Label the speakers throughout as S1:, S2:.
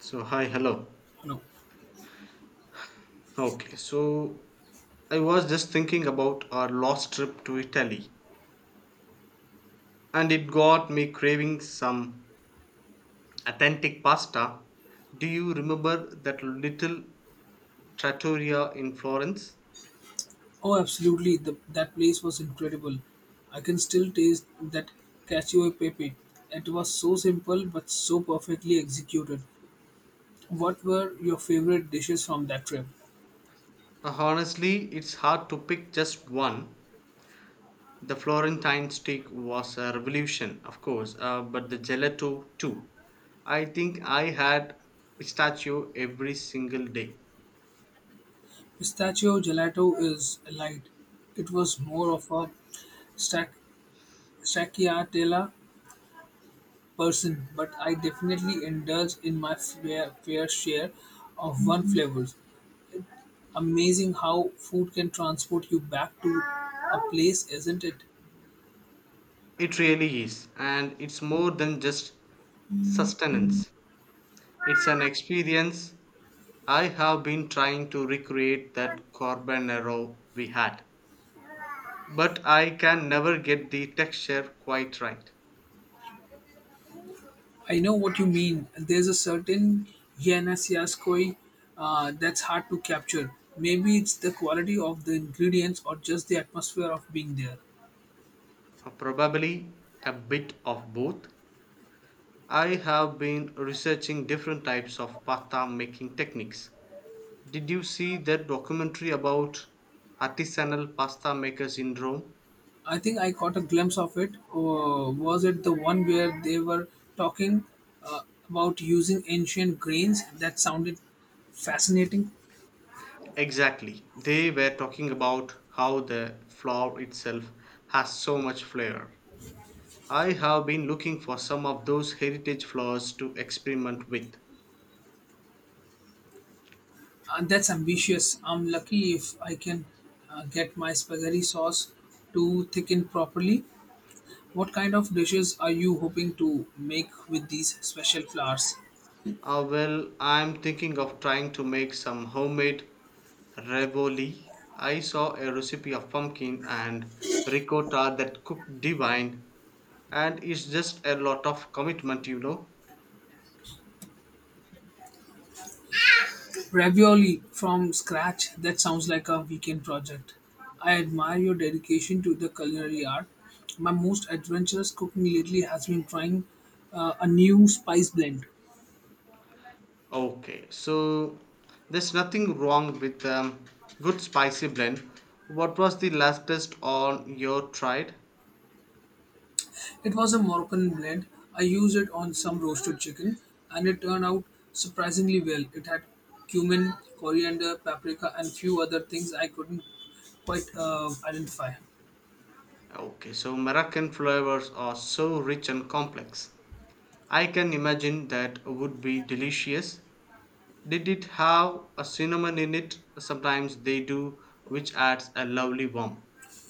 S1: So, hi, hello.
S2: No.
S1: Okay, so I was just thinking about our last trip to Italy and it got me craving some authentic pasta. Do you remember that little trattoria in Florence?
S2: Oh, absolutely. That place was incredible. I can still taste that cacio e pepe. It was so simple but so perfectly executed. What were your favorite dishes from that trip?
S1: Honestly, it's hard to pick just one. The Florentine steak was a revolution, of course, but the gelato too. I think I had pistachio every single day.
S2: Pistachio gelato is light. It was more of a stac- stracciatella person, but I definitely indulge in my fair share of one flavors. Amazing how food can transport you back to a place, isn't it?
S1: It really is, and it's more than just sustenance. It's an experience. I have been trying to recreate that carbonaro we had, but I can never get the texture quite right.
S2: I know what you mean. There's a certain Yanasiaskoi that's hard to capture. Maybe it's the quality of the ingredients or just the atmosphere of being there.
S1: Probably a bit of both. I have been researching different types of pasta making techniques. Did you see that documentary about artisanal pasta makers in Rome?
S2: I think I caught a glimpse of it. Was it the one where they were talking uh, about using ancient grains? That sounded fascinating.
S1: Exactly. They were talking about how the flour itself has so much flavor. I have been looking for some of those heritage flowers to experiment with.
S2: That's ambitious. I'm lucky if I can get my spaghetti sauce to thicken properly. What kind of dishes are you hoping to make with these special flowers?
S1: Ah, well, I'm thinking of trying to make some homemade ravioli. I saw a recipe of pumpkin and ricotta that cooked divine, and it's just a lot of commitment.
S2: Ravioli from scratch? That sounds like a weekend project. I admire your dedication to the culinary art. My most adventurous cooking lately has been trying a new spice blend.
S1: Okay, so there's nothing wrong with good spicy blend. What was the latest on your tried?
S2: It was a Moroccan blend. I used it on some roasted chicken and it turned out surprisingly well. It had cumin, coriander, paprika, and few other things I couldn't quite identify.
S1: Okay, so Moroccan flavors are so rich and complex. I can imagine that would be delicious. Did it have a cinnamon in it? Sometimes they do, which adds a lovely warmth.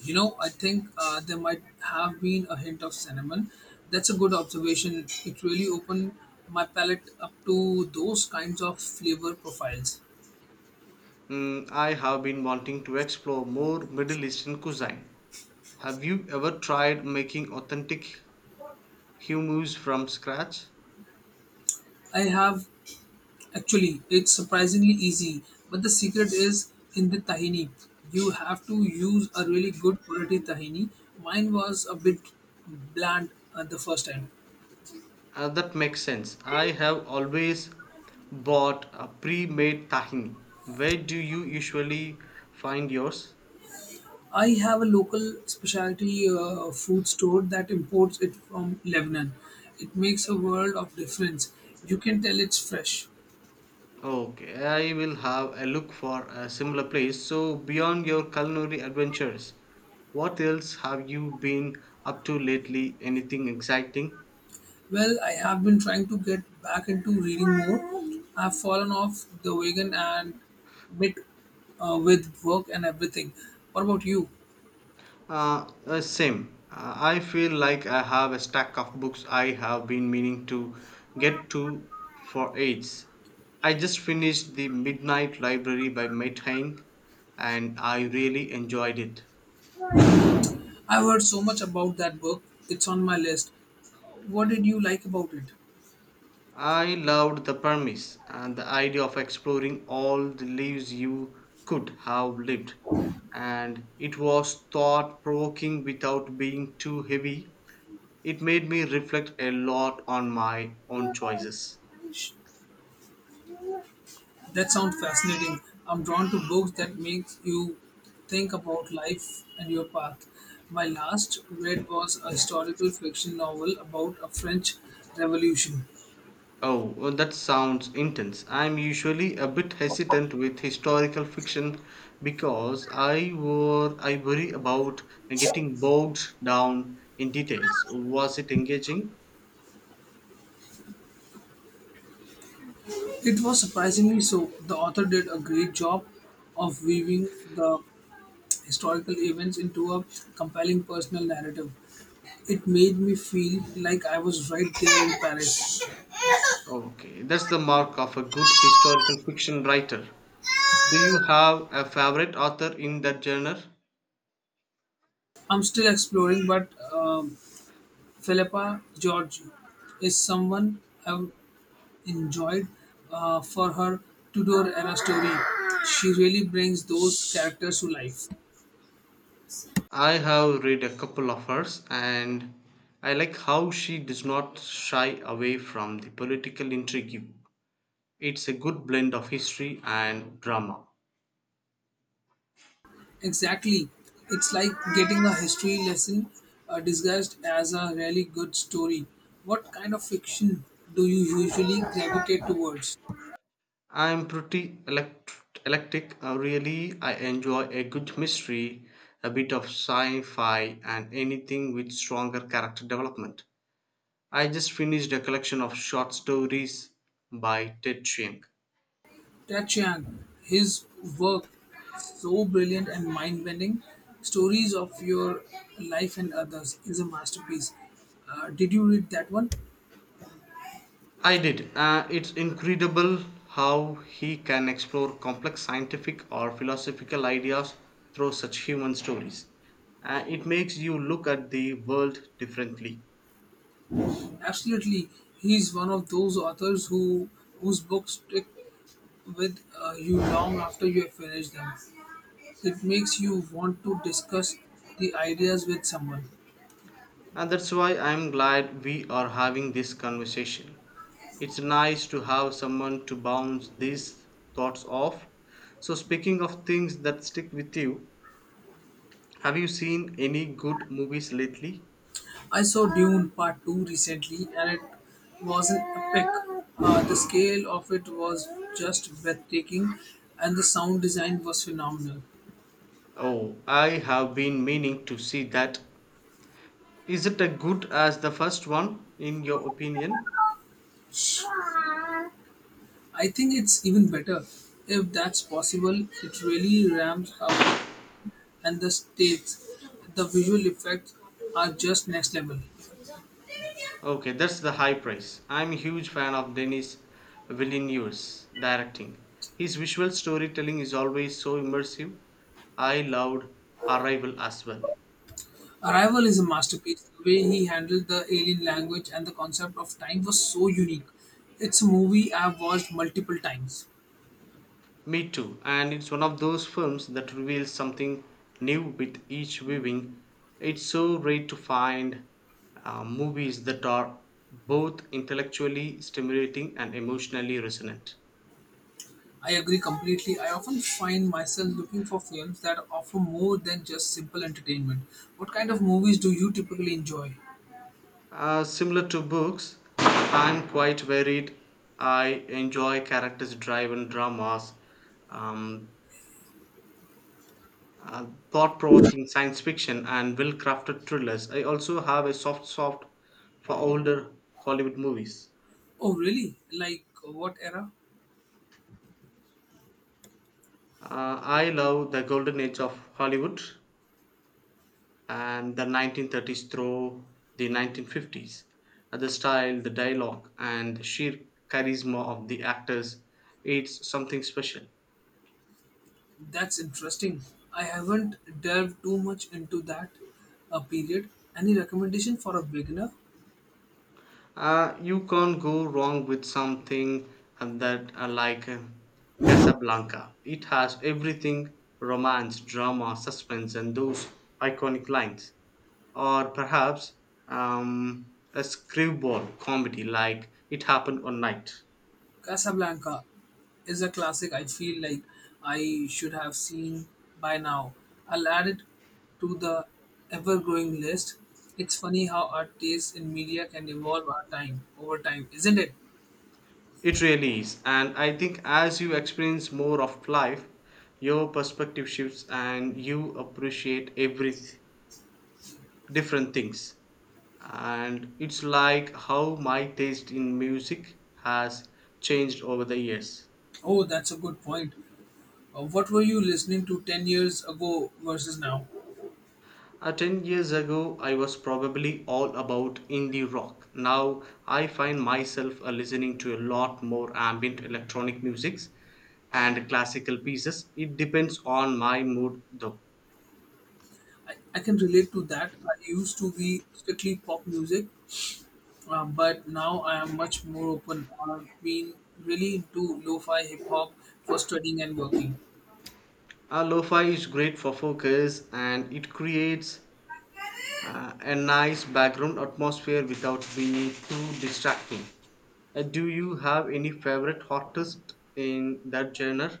S2: You know, I think there might have been a hint of cinnamon. That's a good observation. It really opened my palate up to those kinds of flavor profiles.
S1: I have been wanting to explore more Middle Eastern cuisine. Have you ever tried making authentic hummus from scratch?
S2: I have actually, it's surprisingly easy, but the secret is in the tahini. You have to use a really good quality tahini. Mine was a bit bland the first time.
S1: That makes sense. I have always bought a pre made tahini. Where do you usually find yours?
S2: I have a local specialty food store that imports it from Lebanon. It makes a world of difference. You can tell it's fresh.
S1: Okay, I will have a look for a similar place. So, beyond your culinary adventures, what else have you been up to lately? Anything exciting?
S2: Well, I have been trying to get back into reading more. I've fallen off the wagon and bit with work and everything. What about you?
S1: Same. I feel like I have a stack of books I have been meaning to get to for ages. I just finished The Midnight Library by Matt Haig and I really enjoyed it.
S2: I've heard so much about that book. It's on my list. What did you like about
S1: I loved the premise and the idea of exploring all the lives you could have lived, and it was thought provoking without being too heavy. It made me reflect a lot on my own choices.
S2: it? That sounds fascinating. I'm drawn to books that makes you think about life and your path. My last read was a historical fiction novel about a French revolution.
S1: Oh, well, that sounds intense. I'm usually a bit hesitant with historical fiction because I worry about getting bogged down in details. Was it engaging?
S2: It was surprisingly so. The author did a great job of weaving the historical events into a compelling personal narrative. It made me feel like I was right there in Paris.
S1: Okay, that's the mark of a good historical fiction writer. Do you have a favorite author in that genre?
S2: I'm still exploring, but Philippa George is someone I've enjoyed for her Tudor era story. She really brings those characters to life.
S1: I have read a couple of hers and I like how she does not shy away from the political intrigue. It's a good blend of history and drama.
S2: Exactly. It's like getting a history lesson disguised as a really good story. What kind of fiction do you usually gravitate towards?
S1: I'm pretty eclectic. Really, I enjoy a good mystery, a bit of sci fi, and anything with stronger character development. I just finished a collection of short stories by Ted Chiang.
S2: Ted Chiang, his work so brilliant and mind bending. Stories of your life and others is a masterpiece. Did you read that one?
S1: I did. It's incredible how he can explore complex scientific or philosophical ideas through such human stories. It makes you look at the world differently.
S2: Absolutely, he's one of those authors whose books stick with you long after you have finished them. It makes you want to discuss the ideas with someone.
S1: And that's why I'm glad we are having this conversation. It's nice to have someone to bounce these thoughts off. So, speaking of things that stick with you, have you seen any good movies lately?
S2: I saw Dune Part 2 recently and it was an epic. The scale of it was just breathtaking and the sound design was phenomenal.
S1: Oh, I have been meaning to see that. Is it as good as the first one, in your opinion?
S2: I think it's even better if that's possible. It really ramps up and the states, the visual effects are just next level.
S1: Okay, that's the high praise. I'm a huge fan of Denis Villeneuve's directing. His visual storytelling is always so immersive. I loved Arrival as well.
S2: Arrival is a masterpiece. The way he handled the alien language and the concept of time was so unique. It's a movie I've watched multiple times.
S1: Me too, and it's one of those films that reveals something new with each viewing. It's so rare to find movies that are both intellectually stimulating and emotionally resonant.
S2: I agree completely. I often find myself looking for films that offer more than just simple entertainment. What kind of movies do you typically enjoy?
S1: Similar to books, I'm quite varied. I enjoy characters driven dramas, um, uh, thought provoking science fiction, and well crafted thrillers. I also have a soft for older Hollywood movies.
S2: Oh, really? Like what era?
S1: I love the golden age of Hollywood and the 1930s through the 1950s. The style, the dialogue, and the sheer charisma of the actors, it's something special.
S2: That's interesting. I haven't delved too much into that period. Any recommendation for a beginner?
S1: You can't go wrong with something that like Casablanca. It has everything: romance, drama, suspense, and those iconic lines. Or perhaps a screwball comedy like It Happened One Night.
S2: Casablanca is a classic I feel like I should have seen by now. I'll add it to the ever growing list. It's funny how our taste in media can evolve our time over time, isn't it?
S1: It really is. And I think as you experience more of life, your perspective shifts and you appreciate every different things. And it's like how my taste in music has changed over the years.
S2: Oh, that's a good point. What were you listening to 10 years ago versus now?
S1: 10 years ago, I was probably all about indie rock. Now, I find myself listening to a lot more ambient electronic musics and classical pieces. It depends on my mood though.
S2: I can relate to that. I used to be strictly pop music. But now I am much more open. I've been really into lo-fi hip hop for studying and working.
S1: Lo-fi is great for focus and it creates a nice background atmosphere without being too distracting. Do you have any favorite artist in that genre?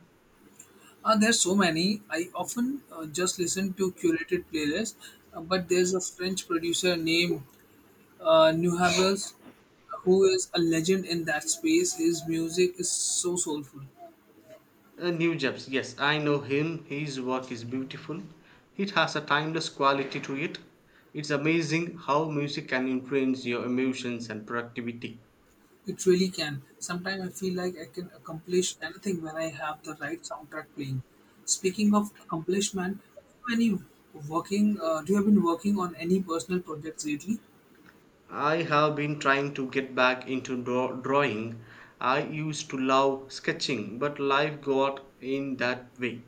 S2: There's so many. I often just listen to curated playlists, but there's a French producer named Nuhavels who is a legend in that space. His music is so soulful.
S1: New Jeps, yes, I know him. His work is beautiful. It has a timeless quality to it. It's amazing how music can influence your emotions and productivity.
S2: It really can. Sometimes I feel like I can accomplish anything when I have the right soundtrack playing. Speaking of accomplishment, any working? Do you have been working on any personal projects lately?
S1: I have been trying to get back into drawing. I used to love sketching, but life got in that way.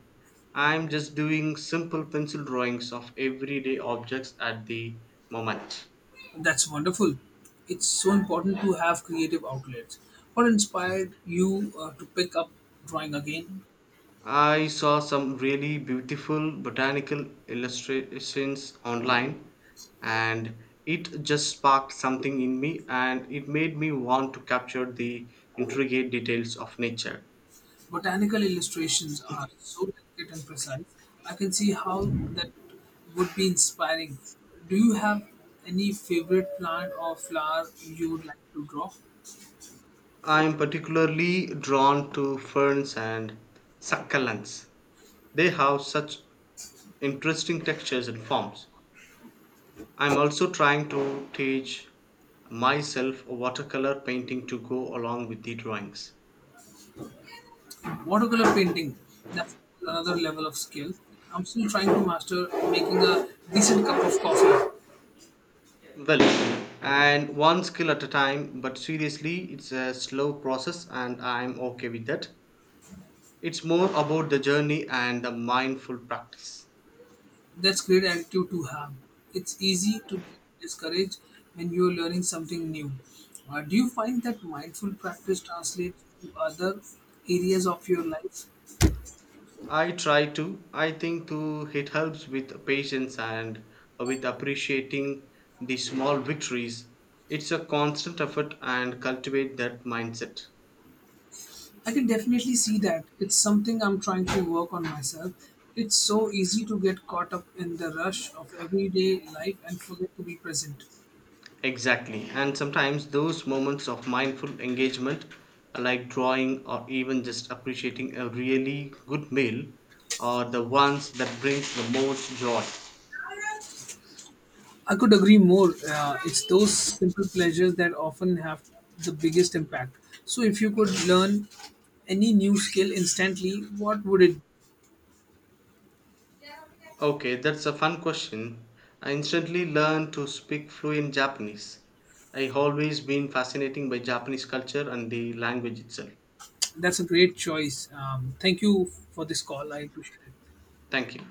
S1: I'm just doing simple pencil drawings of everyday objects at the moment.
S2: That's wonderful. It's so important to have creative outlets. What inspired you to pick up drawing again?
S1: I saw some really beautiful botanical illustrations online and it just sparked something in me and it made me want to capture the intricate details of nature.
S2: Botanical illustrations are so delicate and precise. I can see how that would be inspiring. Do you have any favorite plant or flower you would like to draw?
S1: I am particularly drawn to ferns and succulents. They have such interesting textures and forms. I'm also trying to teach myself watercolor painting to go along with the drawings.
S2: Watercolor painting, that's another level of skill. I'm still trying to master making a decent cup of coffee.
S1: Well, and one skill at a time, but seriously, it's a slow process, and I'm okay with that. It's more about the journey and the mindful practice.
S2: That's great attitude to have. It's easy to discourage when you're learning something new. Do you find that mindful practice translates to other areas of your life?
S1: I try to, I think to it helps with patience and with appreciating the small victories. It's a constant effort and cultivate that mindset.
S2: I can definitely see that. It's something I'm trying to work on myself. It's so easy to get caught up in the rush of everyday life and forget to be present.
S1: Exactly, and sometimes those moments of mindful engagement, like drawing or even just appreciating a really good meal, are the ones that brings the most joy.
S2: I could agree more. It's those simple pleasures that often have the biggest impact. So, if you could learn any new skill instantly, what would it?
S1: Okay, that's a fun question. I instantly learned to speak fluent Japanese. I always been fascinating by Japanese culture and the language itself.
S2: That's a great choice. Thank you for this call. I appreciate it.
S1: Thank you.